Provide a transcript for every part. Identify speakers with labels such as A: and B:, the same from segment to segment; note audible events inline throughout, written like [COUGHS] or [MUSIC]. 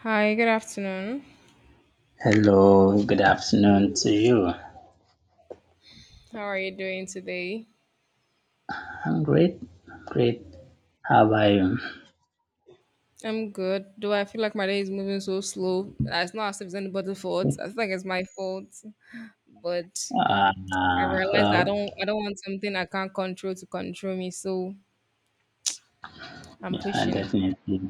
A: Hi, good afternoon.
B: Hello, good afternoon to you.
A: How are you doing today?
B: I'm great. I'm great. How about you?
A: I'm good, though I feel like my day is moving so slow. It's not as if it's anybody's fault. I think it's my fault. But
B: Uh,
A: I realize I
B: well,
A: don't I don't want something I can't control to control me, so I'm pushing.
B: definitely.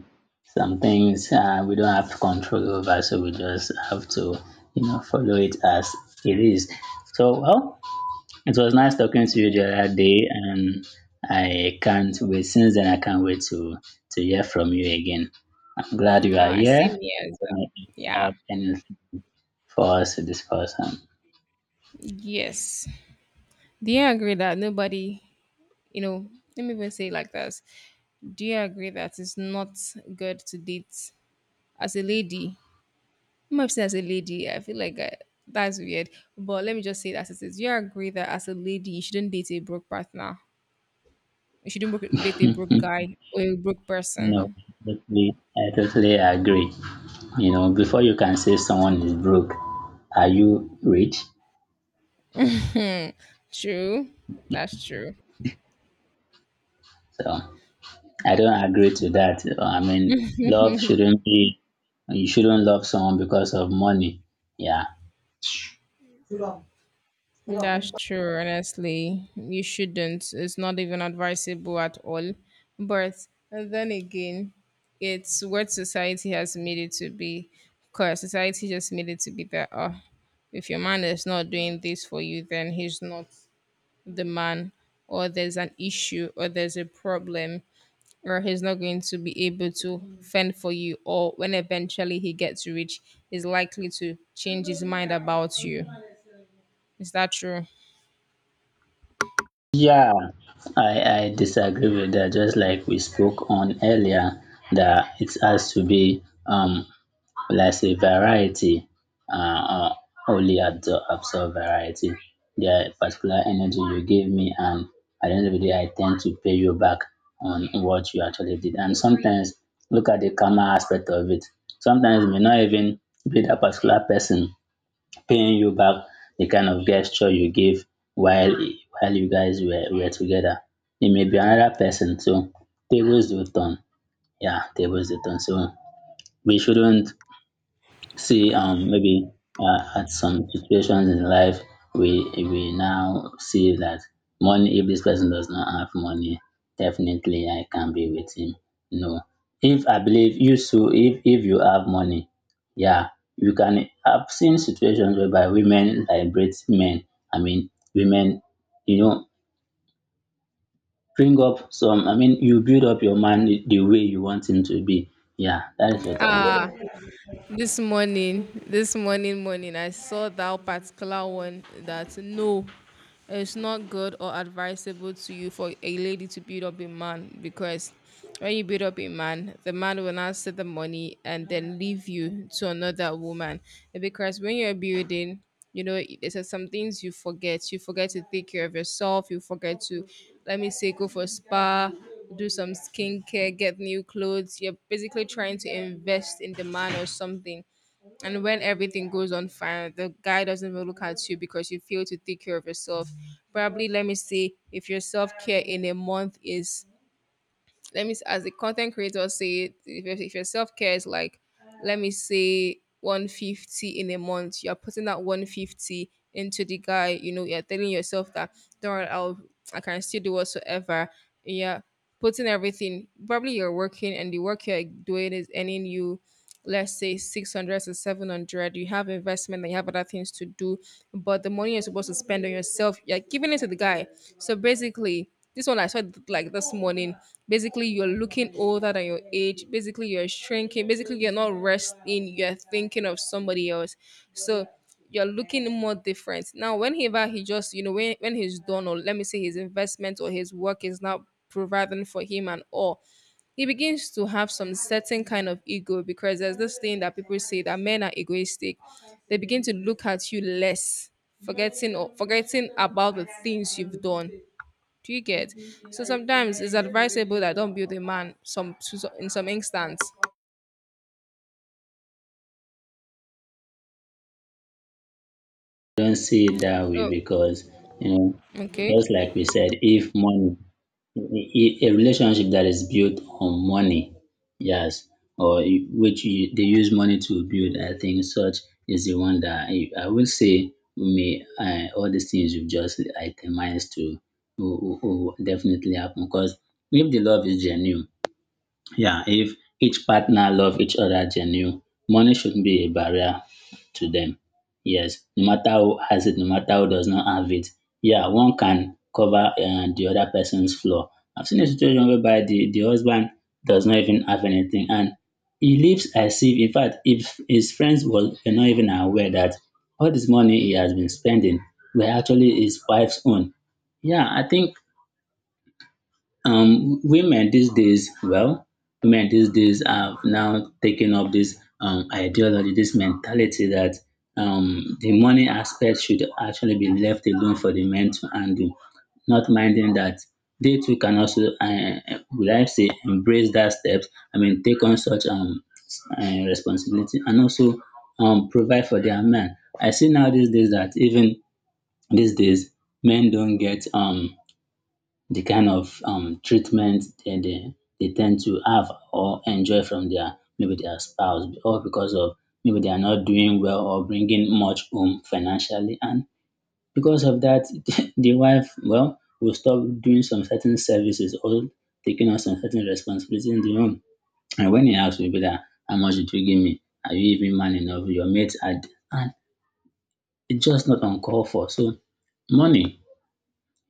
B: Some things we don't have control over, so we just have to, you know, follow it as it is. So, well, it was nice talking to you the other day, and I can't wait. Since then, I can't wait to hear from you again. I'm glad you are here.
A: Same here
B: I
A: as
B: don't know if you
A: well. Yeah.
B: have anything for us to discuss on.
A: Yes. Do you agree that nobody, you know, let me even say it like this. Do you agree that it's not good to date as a lady? I'm not saying as a lady, I feel like I, that's weird. But let me just say that it is. You agree that as a lady, you shouldn't date a broke partner. You shouldn't broke, date a broke guy or a broke
B: No,
A: person.
B: totally, I totally agree. You know, before you can say someone is broke, are you rich?
A: True. That's true.
B: So I don't agree to that. I mean, love shouldn't be, you shouldn't love someone because of money. Yeah.
A: That's true. Honestly, you shouldn't. It's not even advisable at all. But then again, it's what society has made it to be. Because society just made it to be that, oh, if your man is not doing this for you, then he's not. The man, or there's an issue or there's a problem, or he's not going to be able to fend for you, or when eventually he gets rich he's likely to change his mind about you. Is that true?
B: Yeah, I disagree with that. Just like we spoke on earlier, that it has to be like sey variety uh, uh, only absorb variety. The particular energy you give me, and at the end of the day I tend to pay you back on what you actually did. And sometimes look at the karma aspect of it, sometimes e may not even be dat particular person paying you back the kind of gesture you give while you guys were together. It may be another person, so tables do turn, yeah, tables do turn. So we shouldn't see maybe at some situations in life we now see that money, if this person does not have money, definitely I can be with him. No, if I believe you, so if you have money, yeah, you can. I've seen situations whereby women liberate men, I mean women, you know, bring up some, I mean you build up your man the way you want him to be. Yeah, that is what
A: Ah,
B: I
A: this morning I saw that particular one that no, it's not good or advisable to you for a lady to build up a man, because when you build up a man, the man will not set the money and then leave you to another woman. Because when you're building, you know, there's just some things you forget. You forget to take care of yourself, you forget to, let me say, go for spa, do some skincare, get new clothes. You're basically trying to invest in the man or something. And when everything goes on fire, the guy doesn't even look at you because you fail to take care of yourself. Probably, let me see, if your self care in a month is, as the content creator say it, if your- if your self-care is like, let me say, 150 in a month, you're putting that 150 into the guy. You know, you're telling yourself that don't worry, I'll, I can still do whatsoever, yeah, putting everything. Probably you're working and the work you're doing is earning you, let's say, 600 to 700. You have investment, you have other things to do, but the money you're supposed to spend on yourself, you're giving it to the guy. So basically, this one I saw it like this morning, basically you're looking older than your age, basically you're shrinking, basically you're not resting, you're thinking of somebody else. So you're looking more different now. Whenever he just, you know, when he's done, or let me say his investment or his work is not providing for him and all, he begins to have some certain kind of ego, because there's this thing that people say that men are egoistic. They begin to look at you less, forgetting or forgetting about the things you've done. Do you get? So sometimes it's advisable that don't build a man. In some instance.
B: don't see it that way,
A: So
B: because you know,
A: okay.
B: just like we said, if money, a relationship that is built on money, yes, or which you, they use money to build, I think such is the one that I will say may, all these things you've just itemized to will, will definitely happen. Because if the love is genuine, yeah, if each partner love each other genuine, money shouldn't be a barrier to them. Yes, no matter who has it, no matter who does not have it. Yeah, one can cover the other person's flaw. I've seen a situation whereby the husband does not even have anything, and he lives as if, in fact, if his friends were not even aware that all this money he has been spending were actually his wife's own. Yeah, I think women these days, well, women these days have now taken up this ideology, this mentality, that the money aspect should actually be left alone for the men to handle, not minding that they too can also, would I say embrace that step, I mean take on such responsibility and also provide for their men. I see now these days that even these days men don't get the kind of treatment they tend to have or enjoy from their, maybe their spouse, or because of maybe they are not doing well or bringing much home financially. And because of that, [LAUGHS] the wife, well, will stop doing some certain services or taking on some certain responsibility in the home. And when he asks, will that, how much did you give me, are you even man enough, your mates had? And it's just not uncalled for. So money,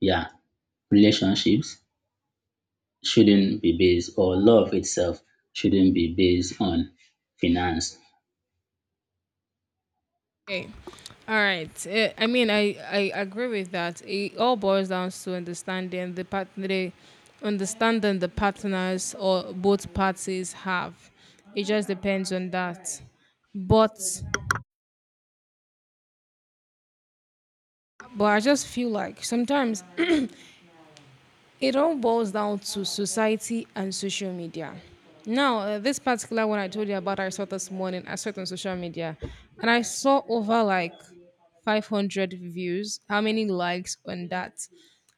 B: yeah, relationships shouldn't be based, or love itself shouldn't be based on finance.
A: Okay. All right. Eh, I mean, I agree with that. It all boils down to understanding the part, the understanding the partners or both parties have. It just depends on that. But I just feel like sometimes it all boils down to society and social media. Now, this particular one I told you about, I saw this morning. I saw it on social media, and I saw over like 500 views. How many likes on that?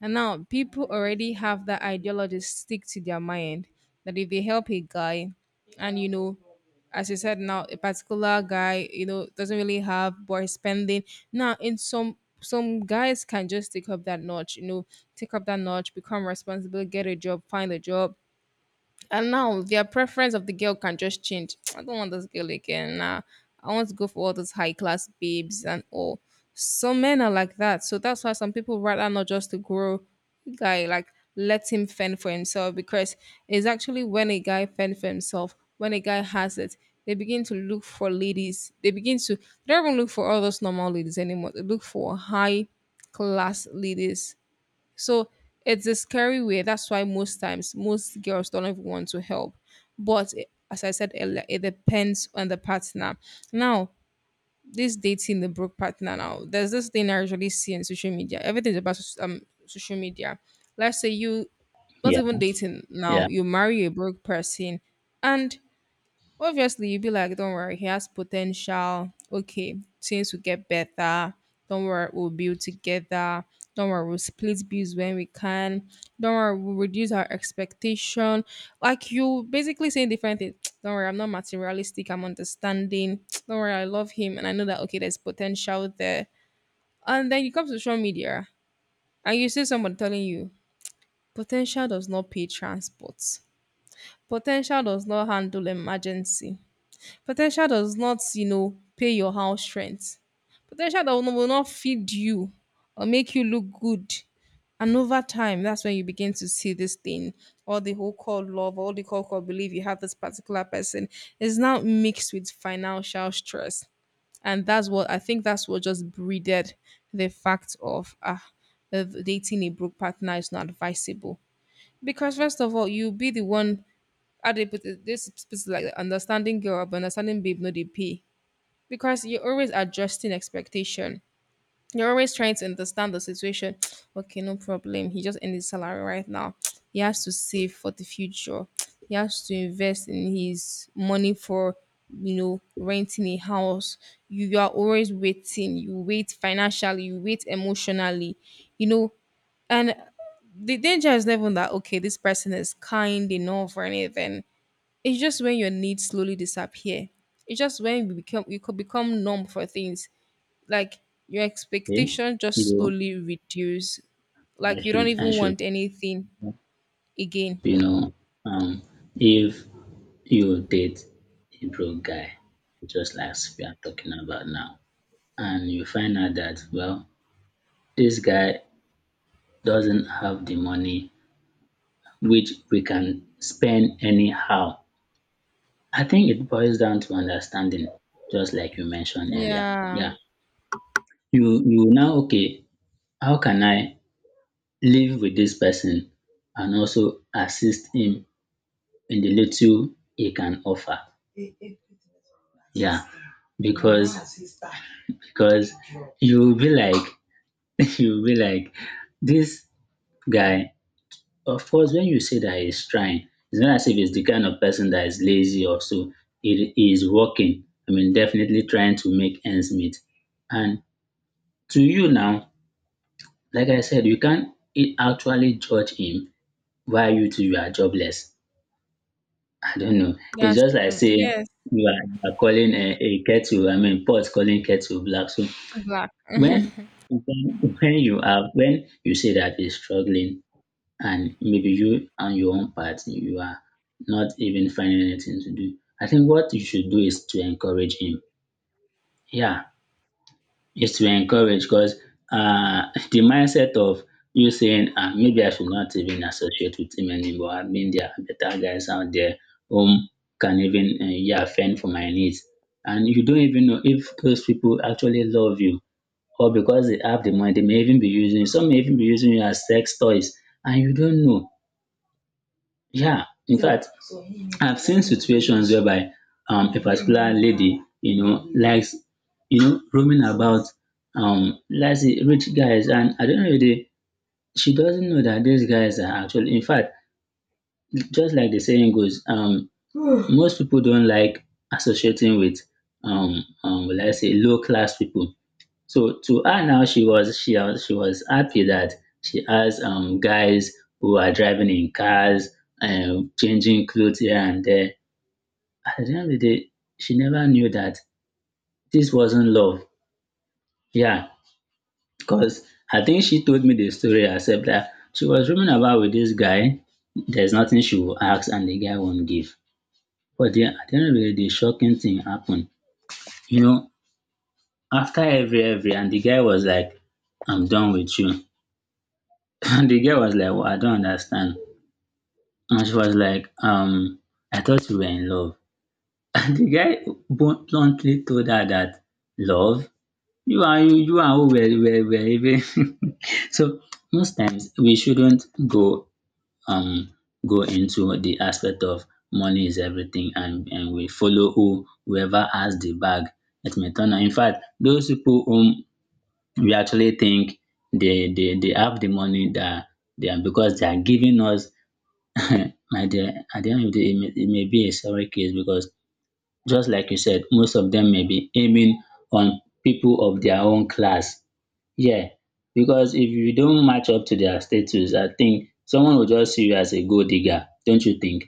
A: And now people already have that ideology stick to their mind that if they help a guy, and you know, as you said now, a particular guy, you know, doesn't really have boy spending. Now in some, guys can just take up that notch, you know, take up that notch, become responsible, get a job, find a job, and now their preference of the girl can just change. [TSK] I don't want this girl again. Nah, I want to go for all those high class babes and all. Some men are like that. So that's why some people rather not just to grow a guy, like let him fend for himself, because it's actually when a guy fend for himself, when a guy has it, they begin to look for ladies. They begin to they don't even look for all those normal ladies anymore. They look for high class ladies. So it's a scary way. That's why most times most girls don't even want to help. But eh, as I said earlier, it depends on the partner. Now, this dating the broke partner now, there's this thing I usually see on social media. Everything's about social media. Let's say you not
B: Yeah,
A: even dating now,
B: yeah.
A: you marry a broke person and obviously, you'll be like, don't worry, he has potential. Okay, things will get better. Don't worry, we'll build together. Don't worry, we'll split bills when we can. Don't worry, we'll reduce our expectation. Like you basically saying different things. [TSK] Don't worry, I'm not materialistic, I'm understanding. [TSK] Don't worry, I love him and I know that okay, there's potential there. And then you come to social media and you see someone telling you potential does not pay transport. Potential does not handle emergency. Potential does not, you know, pay your house rent. Potential that will not feed you or make you look good. And over time, that's when you begin to see this thing. All the whole called love, all the call called belief you have this particular person, is now mixed with financial stress. And that's what I think, that's what just breeded the fact of ah, of dating a broke partner is not advisable. Because first of all, you'll be the one, how do you put it? This is like the understanding girl, but understanding babe, no, they pay. Because you're always adjusting expectation. You're always trying to understand the situation. [TSK] Okay, no problem. He just ended his salary right now. [TSK] He has to save for the future. [TSK] He has to invest in his money for, you know, renting a house. You are always waiting. You wait financially, you wait emotionally, you know. And the danger is never that, okay, this person is kind enough or anything. It's just when your needs slowly disappear. It's just when we become, you could become numb for things. Like your
B: Okay.
A: expectation just
B: You,
A: slowly reduce.
B: I
A: Like you don't
B: should I
A: even
B: should
A: want anything again.
B: you know, um if you date a broke guy, just like we are talking about now, and you find out that, well, this guy doesn't have the money which we can spend anyhow, I think it boils down to understanding, just like you mentioned earlier.
A: Yeah,
B: Yeah. You now okay, how can I live with this person and also assist him in the little he can offer? Yeah, because because you'll be like, [LAUGHS] you'll be like, this guy. Of course, when you say that he's trying, it's not as if he's the kind of person that is lazy or so. He is working. I mean, definitely trying to make ends meet. And to you now, like I said, you can't actually judge him while you two you are jobless. I don't know. It's
A: that's
B: just like
A: true.
B: saying
A: Yes,
B: you are calling a kettle, I mean pot calling kettle black. So
A: black.
B: when when you are, when you say that is struggling, and maybe you on your own part you are not even finding anything to do, I think what you should do is to encourage him. Yeah, is to encourage. Because uh, [LAUGHS] the mindset of you saying, ah, maybe I should not even associate with him anymore, I mean, there are better guys out there whom can even, yeah, fend for my needs. And you don't even know if those people actually love you, or because they have the money, they may even be using you. Some may even be using you as sex toys, and you don't know. Yeah, in fact, I've seen situations whereby a particular lady, you know, likes, you know, roaming about, let's say rich guys, and at the end of the day, she doesn't know that these guys are actually, in fact, just like the saying goes, [SIGHS] most people don't like associating with, let's say low class people. So to her now, she was happy that she has guys who are driving in cars and changing clothes here and there. At the end of the day, she never knew that this wasn't love. Yeah, because I think she told me the story herself, that she was roaming about with this guy. There's nothing she will ask, and the guy won't give. But then at the end of the day, the shocking thing happened. You know, after every, and the guy was like, "I'm done with you." [LAUGHS] The girl was like, "Wow, I don't understand." And she was like, I thought we were in love. [LAUGHS] And the guy bluntly told her that, love? You are you, you are who we're, we're even. [LAUGHS] So most times we shouldn't go um go into the aspect of money is everything, and we follow who, whoever has the bag. It may turn out, in fact, those people whom we actually think they have the money that they are, because they are giving us [COUGHS] at the, at the end of the day, it may be a several case. Because just like you said, most of them may be aiming on people of their own class. Yeah, because if you don't match up to their status, I think someone will just see you as a gold digger, don't you think?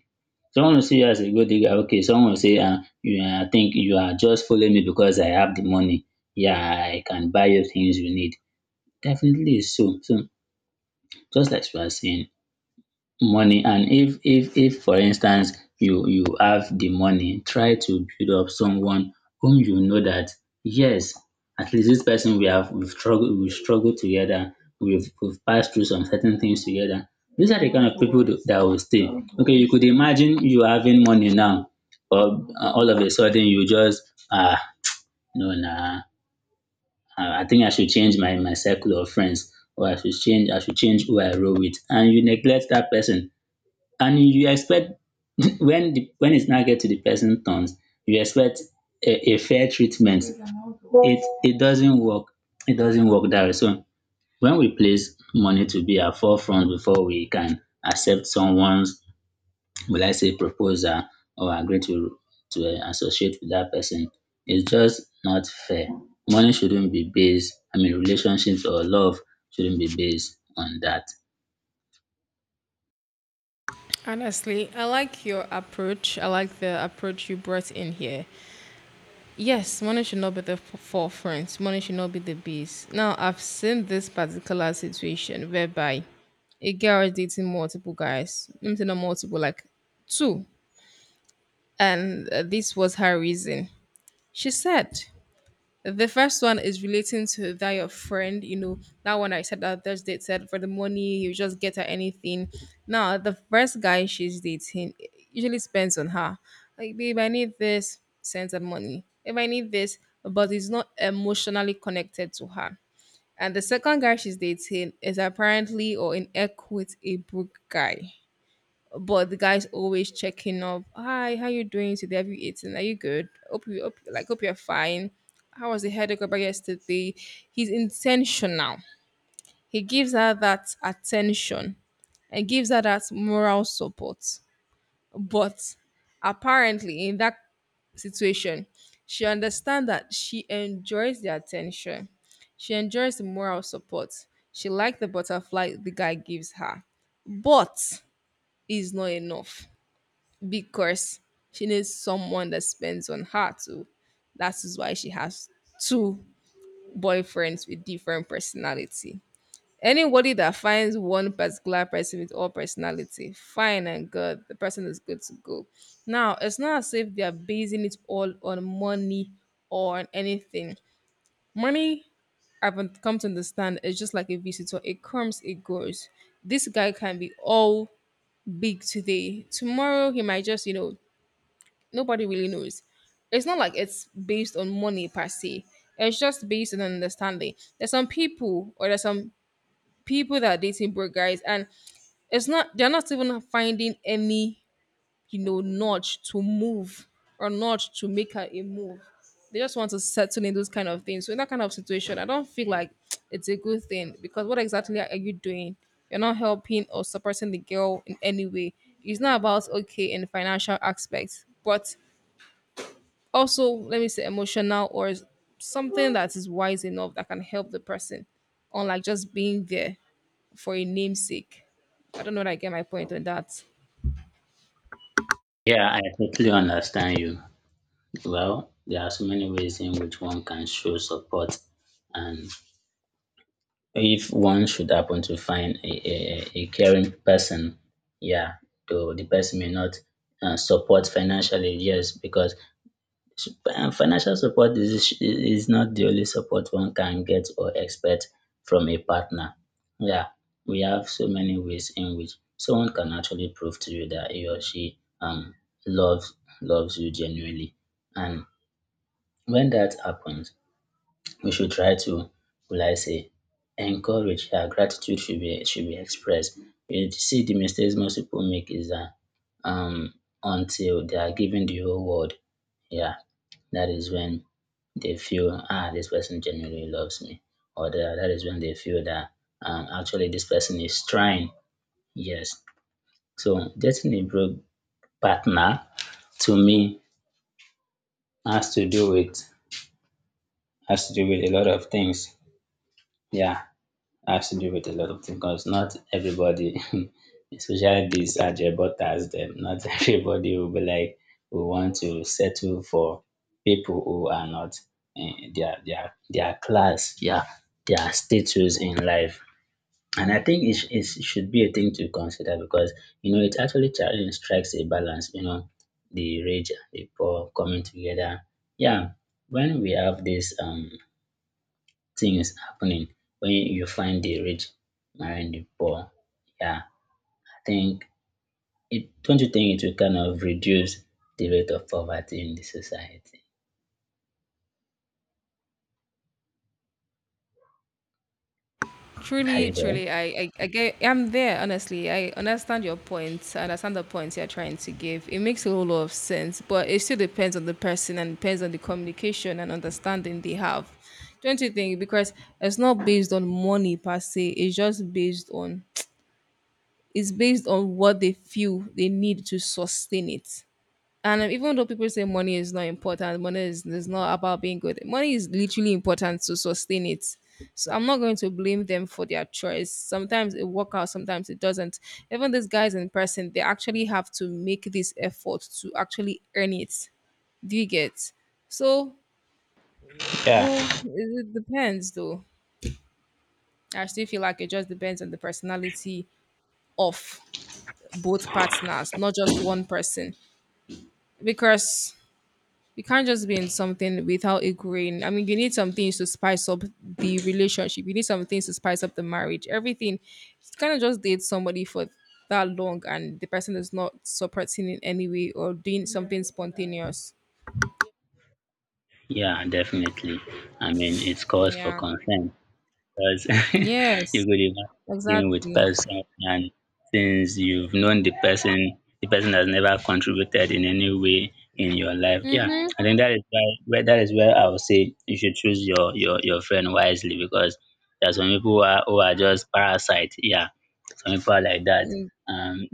B: Someone will see you as a gold digger. Okay, someone will say, you, I think you are just following me because I have the money. Yeah, I can buy you things you need. Definitely is so. So just like you are saying, money, and if if for instance you have the money, try to build up someone whom you know that yes, at least this person we have, we struggled together, we've passed through some certain things together, these are the kind of people that will stay. Okay, you could imagine, you having money now or all of a sudden, you just ah, no, nah, ah, I think I should change my circle of friends, or I should change, I should change who I roll with, and you neglect that person, and you expect [CLEARS THROAT] when the, when it's now get to the person turns, you expect a fair treatment. It doesn't work, it doesn't work that way. So when we place money to be at forefront before we can accept someone's, will I say, proposal, or agree to associate with that person, it's just not fair. Money shouldn't be based, I mean relationships or love shouldn't be based on that.
A: Honestly, I like your approach. I like the approach you brought in here. Yes, money should not be the forefront. Money should not be the base. Now, I've seen this particular situation whereby a girl is dating multiple guys. Let me say not multiple, like two. And this was her reason. She said the first one is relating to that your friend, you know, that one I said that first date said for the money, you just get her anything. Now, the first guy she's dating usually spends on her. Like, babe, I need this, sends her money. If I need this, but it's not emotionally connected to her. And the second guy she's dating is apparently, or in air quotes, a broke guy, but the guy's always checking up. Hi, how you doing today? Have you eaten? Are you good? Hope, like hope you're fine. How was the headache about yesterday? He's intentional. He gives her that attention and gives her that moral support. But apparently, in that situation, she understands that she enjoys the attention. She enjoys the moral support. She likes the butterfly the guy gives her. But it's not enough, because she needs someone that spends on her too. That is why she has two boyfriends with different personality. Anybody that finds one particular person with all personality, fine and good, the person is good to go. Now, it's not as if they are basing it all on money or on anything. Money, I've come to understand, is just like a visitor. It comes, it goes. This guy can be all big today. Tomorrow, he might just, you know, nobody really knows. It's not like it's based on money per se. It's just based on understanding. There's some people, or there's some people that are dating broke guys and it's not, they're not even finding any, you know, nudge to move or nudge to make her a move. They just want to settle in those kind of things. So in that kind of situation, I don't feel like it's a good thing, because what exactly are you doing? You're not helping or supporting the girl in any way. It's not about okay in financial aspects, but also let me say emotional or something that is wise enough that can help the person unlike just being there for a namesake. I don't know that I get my point on that.
B: Yeah, I totally understand you. Well, there are so many ways in which one can show support. And if one should happen to find a, a caring person, yeah, though the person may not, support financially, yes, because financial support is not the only support one can get or expect from a partner. Yeah, we have so many ways in which someone can actually prove to you that he or she, loves, you genuinely. And when that happens, we should try to, will I say, encourage. Yeah, gratitude should be expressed. You see, the mistakes most people make is that um until they are given the whole world, yeah, that is when they feel this person genuinely loves me, or that is when they feel that actually this person is trying. Yes, so getting a broke partner to me has to do with has to do with a lot of things. Yeah, has to do with a lot of things because not everybody, [LAUGHS] especially these Ajabotas, them not [LAUGHS] everybody will be like we want to settle for people who are not in their class, their status in life. And I think it should be a thing to consider because you know it actually challenge strikes a balance. You know, the rich, and the poor coming together. Yeah, when we have this things happening when you find the rich marrying the poor. Yeah, I think it don't you think it will kind of reduce the rate of poverty in the society? Are
A: truly
B: you there?
A: truly I get, I'm there. Honestly, I understand your point. I understand the points you're trying to give. It makes a whole lot of sense, but it still depends on the person and depends on the communication and understanding they have. Don't you think? Because it's not based on money per se, it's just based on, it's based on what they feel they need to sustain it. And even though people say money is not important, money is not about being good. Money is literally important to sustain it. So I'm not going to blame them for their choice. Sometimes it works out, sometimes it doesn't. Even these guys in person, they actually have to make this effort to actually earn it. Do you get? So,
B: Yeah.
A: well, it depends though. I still feel like it just depends on the personality of both partners, not just one person. Because you can't just be in something without agreeing. I mean, you need some things to spice up the relationship. You need some things to spice up the marriage. Everything. You kind of just date somebody for that long, and the person is not supporting in any way or doing something spontaneous.
B: Yeah, definitely. I mean, it's cause for
A: Yeah.
B: concern, because [LAUGHS] you
A: Yes.
B: go dey imagine being with
A: Exactly.
B: person, and since you've known the person has never contributed in any way in your life. Yeah,
A: Mm-hmm.
B: I think that is where I would say you should choose your friend wisely because there's some people who are just parasite. Yeah, some people are like that. Um,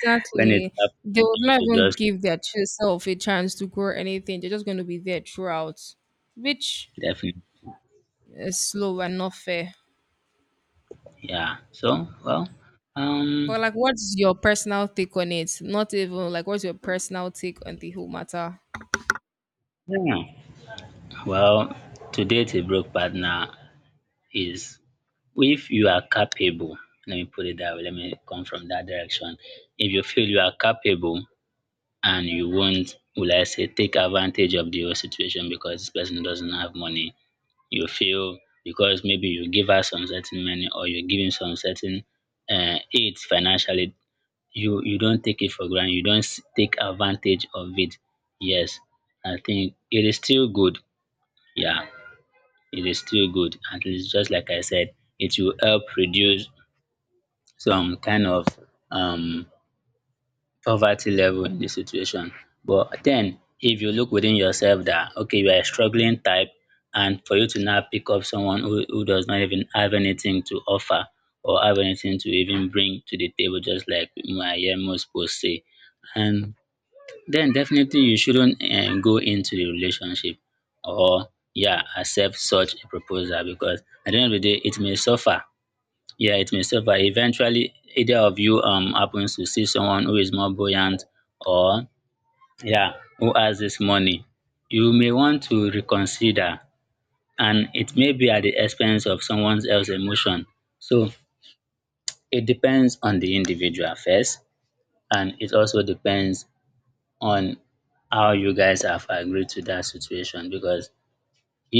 B: [LAUGHS] when it
A: They
B: happens,
A: would
B: you
A: not
B: should
A: even
B: just
A: give their true self a chance to grow anything. They're just going to be there throughout, which
B: definitely,
A: is slow and not fair.
B: yeah. So, well, um,
A: But like, what's your personal take on it? Not even like, what's your personal take on the whole matter?
B: yeah. Well, to date, a broke partner is If you are capable, let me put it that way, let me come from that direction. If you feel you are capable and you won't, will I say, take advantage of the whole situation because this person doesn't have money, you feel because maybe you give her some certain money or you give him some certain aid financially, you don't take it for granted, you don't take advantage of it. Yes, I think it is still good. Yeah, it is still good. At least, just like I said, it will help reduce some kind of um poverty level in the situation. But then if you look within yourself that okay, you are a struggling type and for you to now pick up someone who does not even have anything to offer or have anything to even bring to the table, just like my hear most posts say. And then definitely you shouldn't go into the relationship, or, yeah, accept such a proposal because at the end of the day it may suffer, yeah, it may suffer. Eventually, either of you happens to see someone who is more buoyant or, yeah, who has this money, you may want to reconsider, and it may be at the expense of someone else's emotion. So it depends on the individual first, and it also depends on how you guys have agreed to that situation because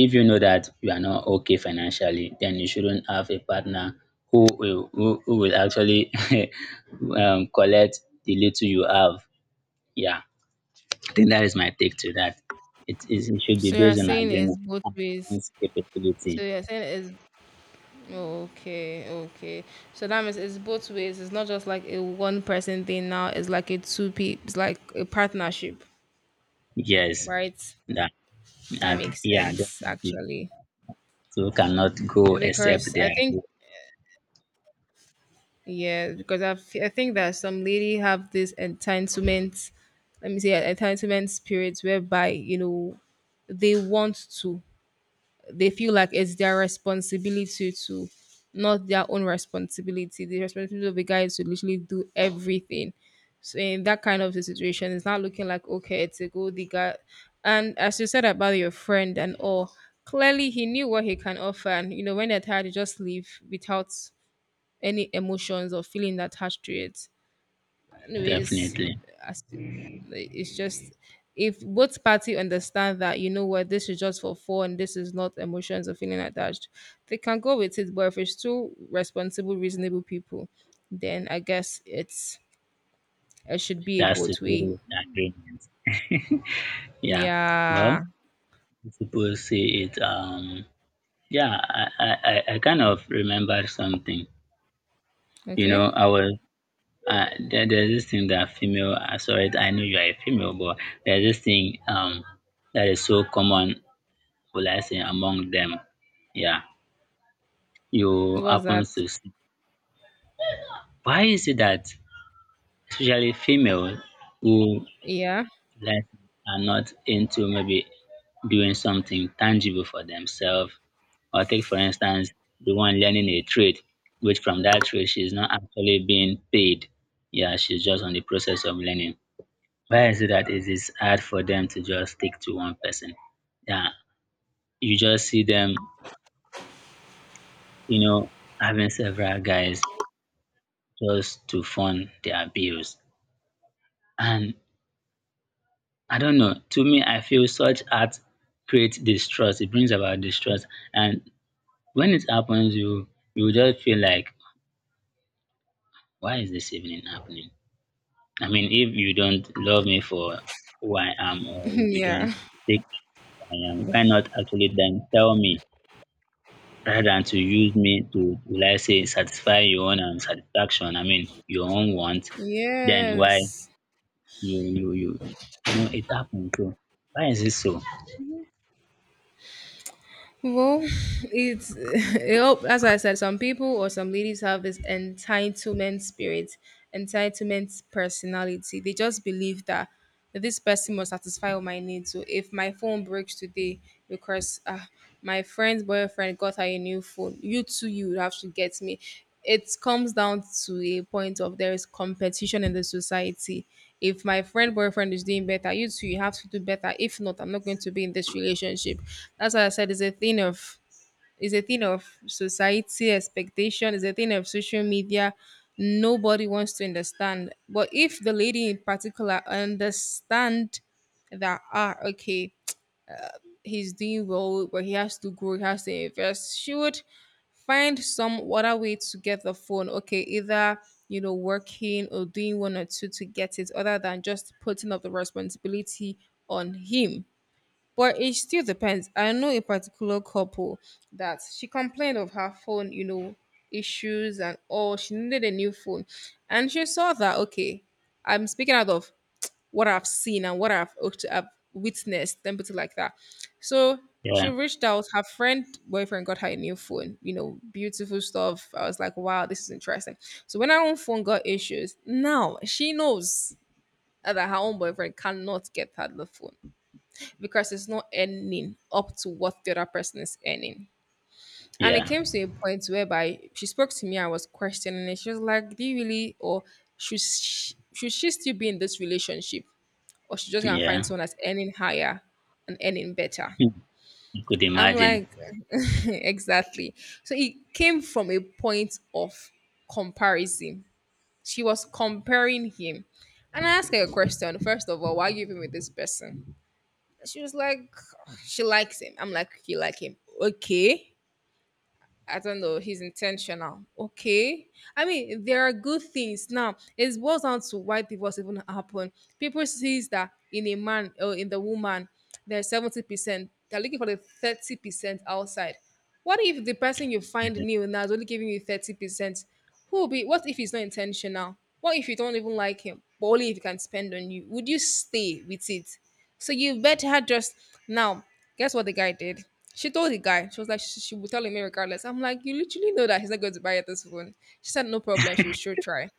B: if you know that you are not okay financially, then you shouldn't have a partner who will, who will actually [LAUGHS] collect the little you have, yeah. I think that is my take to that. It should be
A: So you're
B: based on
A: saying it's
B: agreement
A: both
B: and
A: ways.
B: one's capability.
A: So you're saying it's okay, okay. So that means it's both ways. It's not just like a one person thing now. It's like a two people. It's like a partnership,
B: Yes,
A: right?
B: that,
A: That makes
B: yeah,
A: sense
B: definitely,
A: actually,
B: two cannot go except
A: because
B: they
A: I
B: are.
A: think, yeah, because I I think that some lady have this entitlement, let me say entitlement spirits, whereby you know they want to, they feel like it's their responsibility to, not their own responsibility. The responsibility of the guy is to literally do everything. So in that kind of a situation, it's not looking like okay, it's a goal digger. And as you said about your friend and all, clearly he knew what he can offer, and you know when they're tired, they just leave without any emotions or feeling attached to it. Anyways,
B: Definitely.
A: as like, it's just if both party understand that you know what, this is just for fun, this is not emotions or feeling attached, they can go with it. But if it's two responsible, reasonable people, then I guess it's, it should be
B: It
A: a
B: has to
A: both
B: do
A: way.
B: with agreement, yeah. Well,
A: Yeah.
B: people see it, yeah. I kind of remember something. You
A: Okay.
B: know, I was there's this thing that female. Sorry, I know you are a female, but there's this thing that is so common. Will I say among them? Yeah, you
A: What's
B: happen
A: that?
B: to see. Why is it that especially female who,
A: Yeah.
B: like, are not into maybe doing something tangible for themselves? Or take for instance, the one learning a trade, which from that trade she's not actually being paid. Yeah, she's just on the process of learning. Why is it that it is hard for them to just stick to one person? Yeah, you just see them, you know, having several guys just to fund their bills. And I don't know, to me, I feel such art creates distrust. It brings about distrust. And when it happens, you just feel like, why is this even happening? I mean, if you don't love me for who I am, or if you don't
A: [LAUGHS] Yeah.
B: take who I am, why not actually then tell me rather than to use me to, let's say, satisfy your own satisfaction? I mean, your own want. Then why
A: Yes.
B: you you you you know it happened too? Why is it so?
A: Well, it's [LAUGHS] yep, as I said, some people or some ladies have this entitlement spirit, entitlement personality. They just believe that this person must satisfy all my needs. So if my phone breaks today because my friend's boyfriend got her a new phone, you too, you would have to get me. It comes down to a point of there is competition in the society. If my friend boyfriend is doing better, you too, you have to do better. If not, I'm not going to be in this relationship. That's why I said it's a thing of, it's a thing of society expectation, it's a thing of social media. Nobody wants to understand. But if the lady in particular understand that, ah, okay, he's doing well, but he has to grow, he has to invest, she would find some other way to get the phone okay, either you know working or doing one or two to get it, other than just putting up the responsibility on him. But it still depends. I know a particular couple that she complained of her phone, you know, issues and all. She needed a new phone and she saw that okay, I'm speaking out of what I've seen and what I've witnessed, and put it like that. So she
B: Yeah,
A: reached out. Her friend boyfriend got her a new phone. You know, beautiful stuff. I was like, wow, this is interesting. So when her own phone got issues, now she knows that her own boyfriend cannot get her the phone because it's not earning up to what the other person is earning. And it
B: yeah,
A: came to a point whereby she spoke to me. I was questioning it. She was like, "Do you really, or should she still be in this relationship?" Or she's just gonna find
B: yeah.
A: someone that's earning higher and earning better.
B: Hmm, you could
A: I'm
B: imagine.
A: like, [LAUGHS] exactly. So it came from a point of comparison. She was comparing him. And I asked her a question. First of all, why are you even with this person? She was like, "Oh, she likes him." I'm like, you like him. Okay. I don't know, he's intentional. Okay. I mean, there are good things. Now, it boils down to why divorce even happen. People sees that in a man or in the woman, there's 70%. They're looking for the 30% outside. What if the person you find
B: Yeah.
A: new now is only giving you 30%? Who will be, what if it's not intentional? What if you don't even like him? But only if you can spend on you, would you stay with it? So you better just now. Guess what the guy did? She told the guy, she was like, she would tell him regardless. I'm like, you literally know that he's not going to buy you this phone. She said, no problem. She would sure try.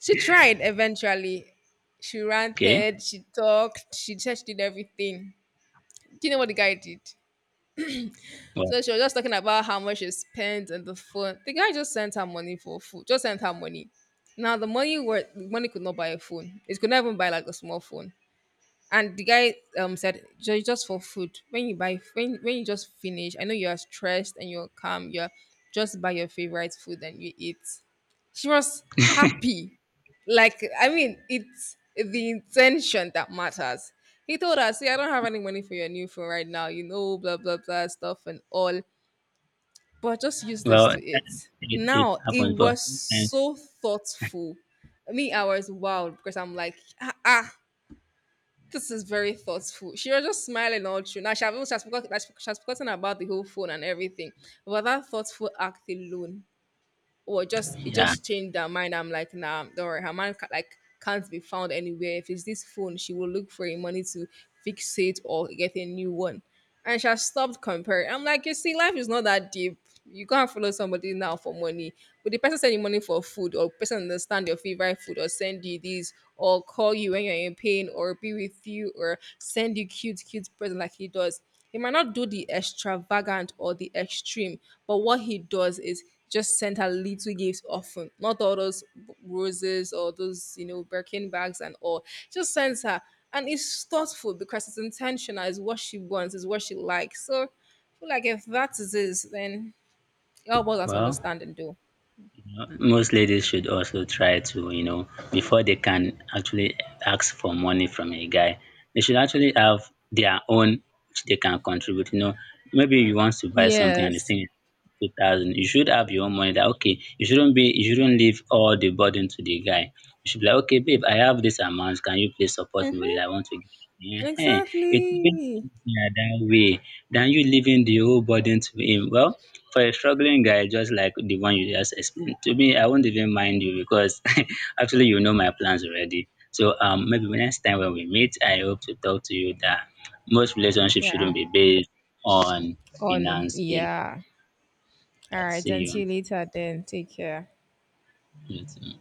A: She tried eventually. She
B: Okay.
A: ranted, she talked, she said she did everything. Do you know what the guy did?
B: Well,
A: So she was just talking about how much she spent on the phone. The guy just sent her money for food, just sent her money. Now the money were, the money could not buy a phone. It could not even buy like a small phone. And the guy said, just for food. When you buy, when you just finish, I know you are stressed and you're calm. You're just buy your favorite food and you eat." She was happy. Like I mean, it's the intention that matters. He told her, "See, I don't have any money for your new phone right now. You know, blah blah blah stuff and all. But just use this
B: well,
A: to it."
B: it
A: Now it
B: happens, but
A: was
B: sometimes,
A: so thoughtful. Me, I was wild because I'm like, ah, ah, this is very thoughtful. She was just smiling all through. Now she has forgotten about the whole phone and everything. But that thoughtful act alone or just, it
B: yeah.
A: just changed her mind. I'm like, nah, don't worry, her man like can't be found anywhere. If it's this phone, she will look for a money to fix it or get a new one. And she has stopped comparing. I'm like, you see, life is not that deep. You can't follow somebody now for money. But the person send you money for food, or person understand your favorite food or send you this or call you when you're in pain or be with you or send you cute, cute present like he does. He might not do the extravagant or the extreme, but what he does is just send her little gifts often. Not all those roses or those, you know, Birkin bags and all. Just sends her. And it's thoughtful because it's intentional, it's what she wants, it's what she likes. So I feel like if that is it, then help us
B: Well,
A: understand and do.
B: most ladies should also try to, before they can actually ask for money from a guy, they should actually have their own which they can contribute. You know, maybe you want to buy something and the
A: Yes.
B: thing is 2,000. You should have your own money that okay, you shouldn't leave all the burden to the guy. You should be like, okay, babe, I have this amount. Can you please support me with it? I want to Yeah, it's even
A: Exactly.
B: easier that way than you leaving the whole burden to him. Well, for a struggling guy just like the one you just explained to me, I won't even mind you because [LAUGHS] actually you know my plans already. So maybe next time when we meet, I hope to talk to you that most relationships
A: Yeah.
B: shouldn't be based on
A: On.
B: finance alone.
A: Yeah. All
B: I
A: right.
B: see you,
A: Until later, then. Take care.
B: you too.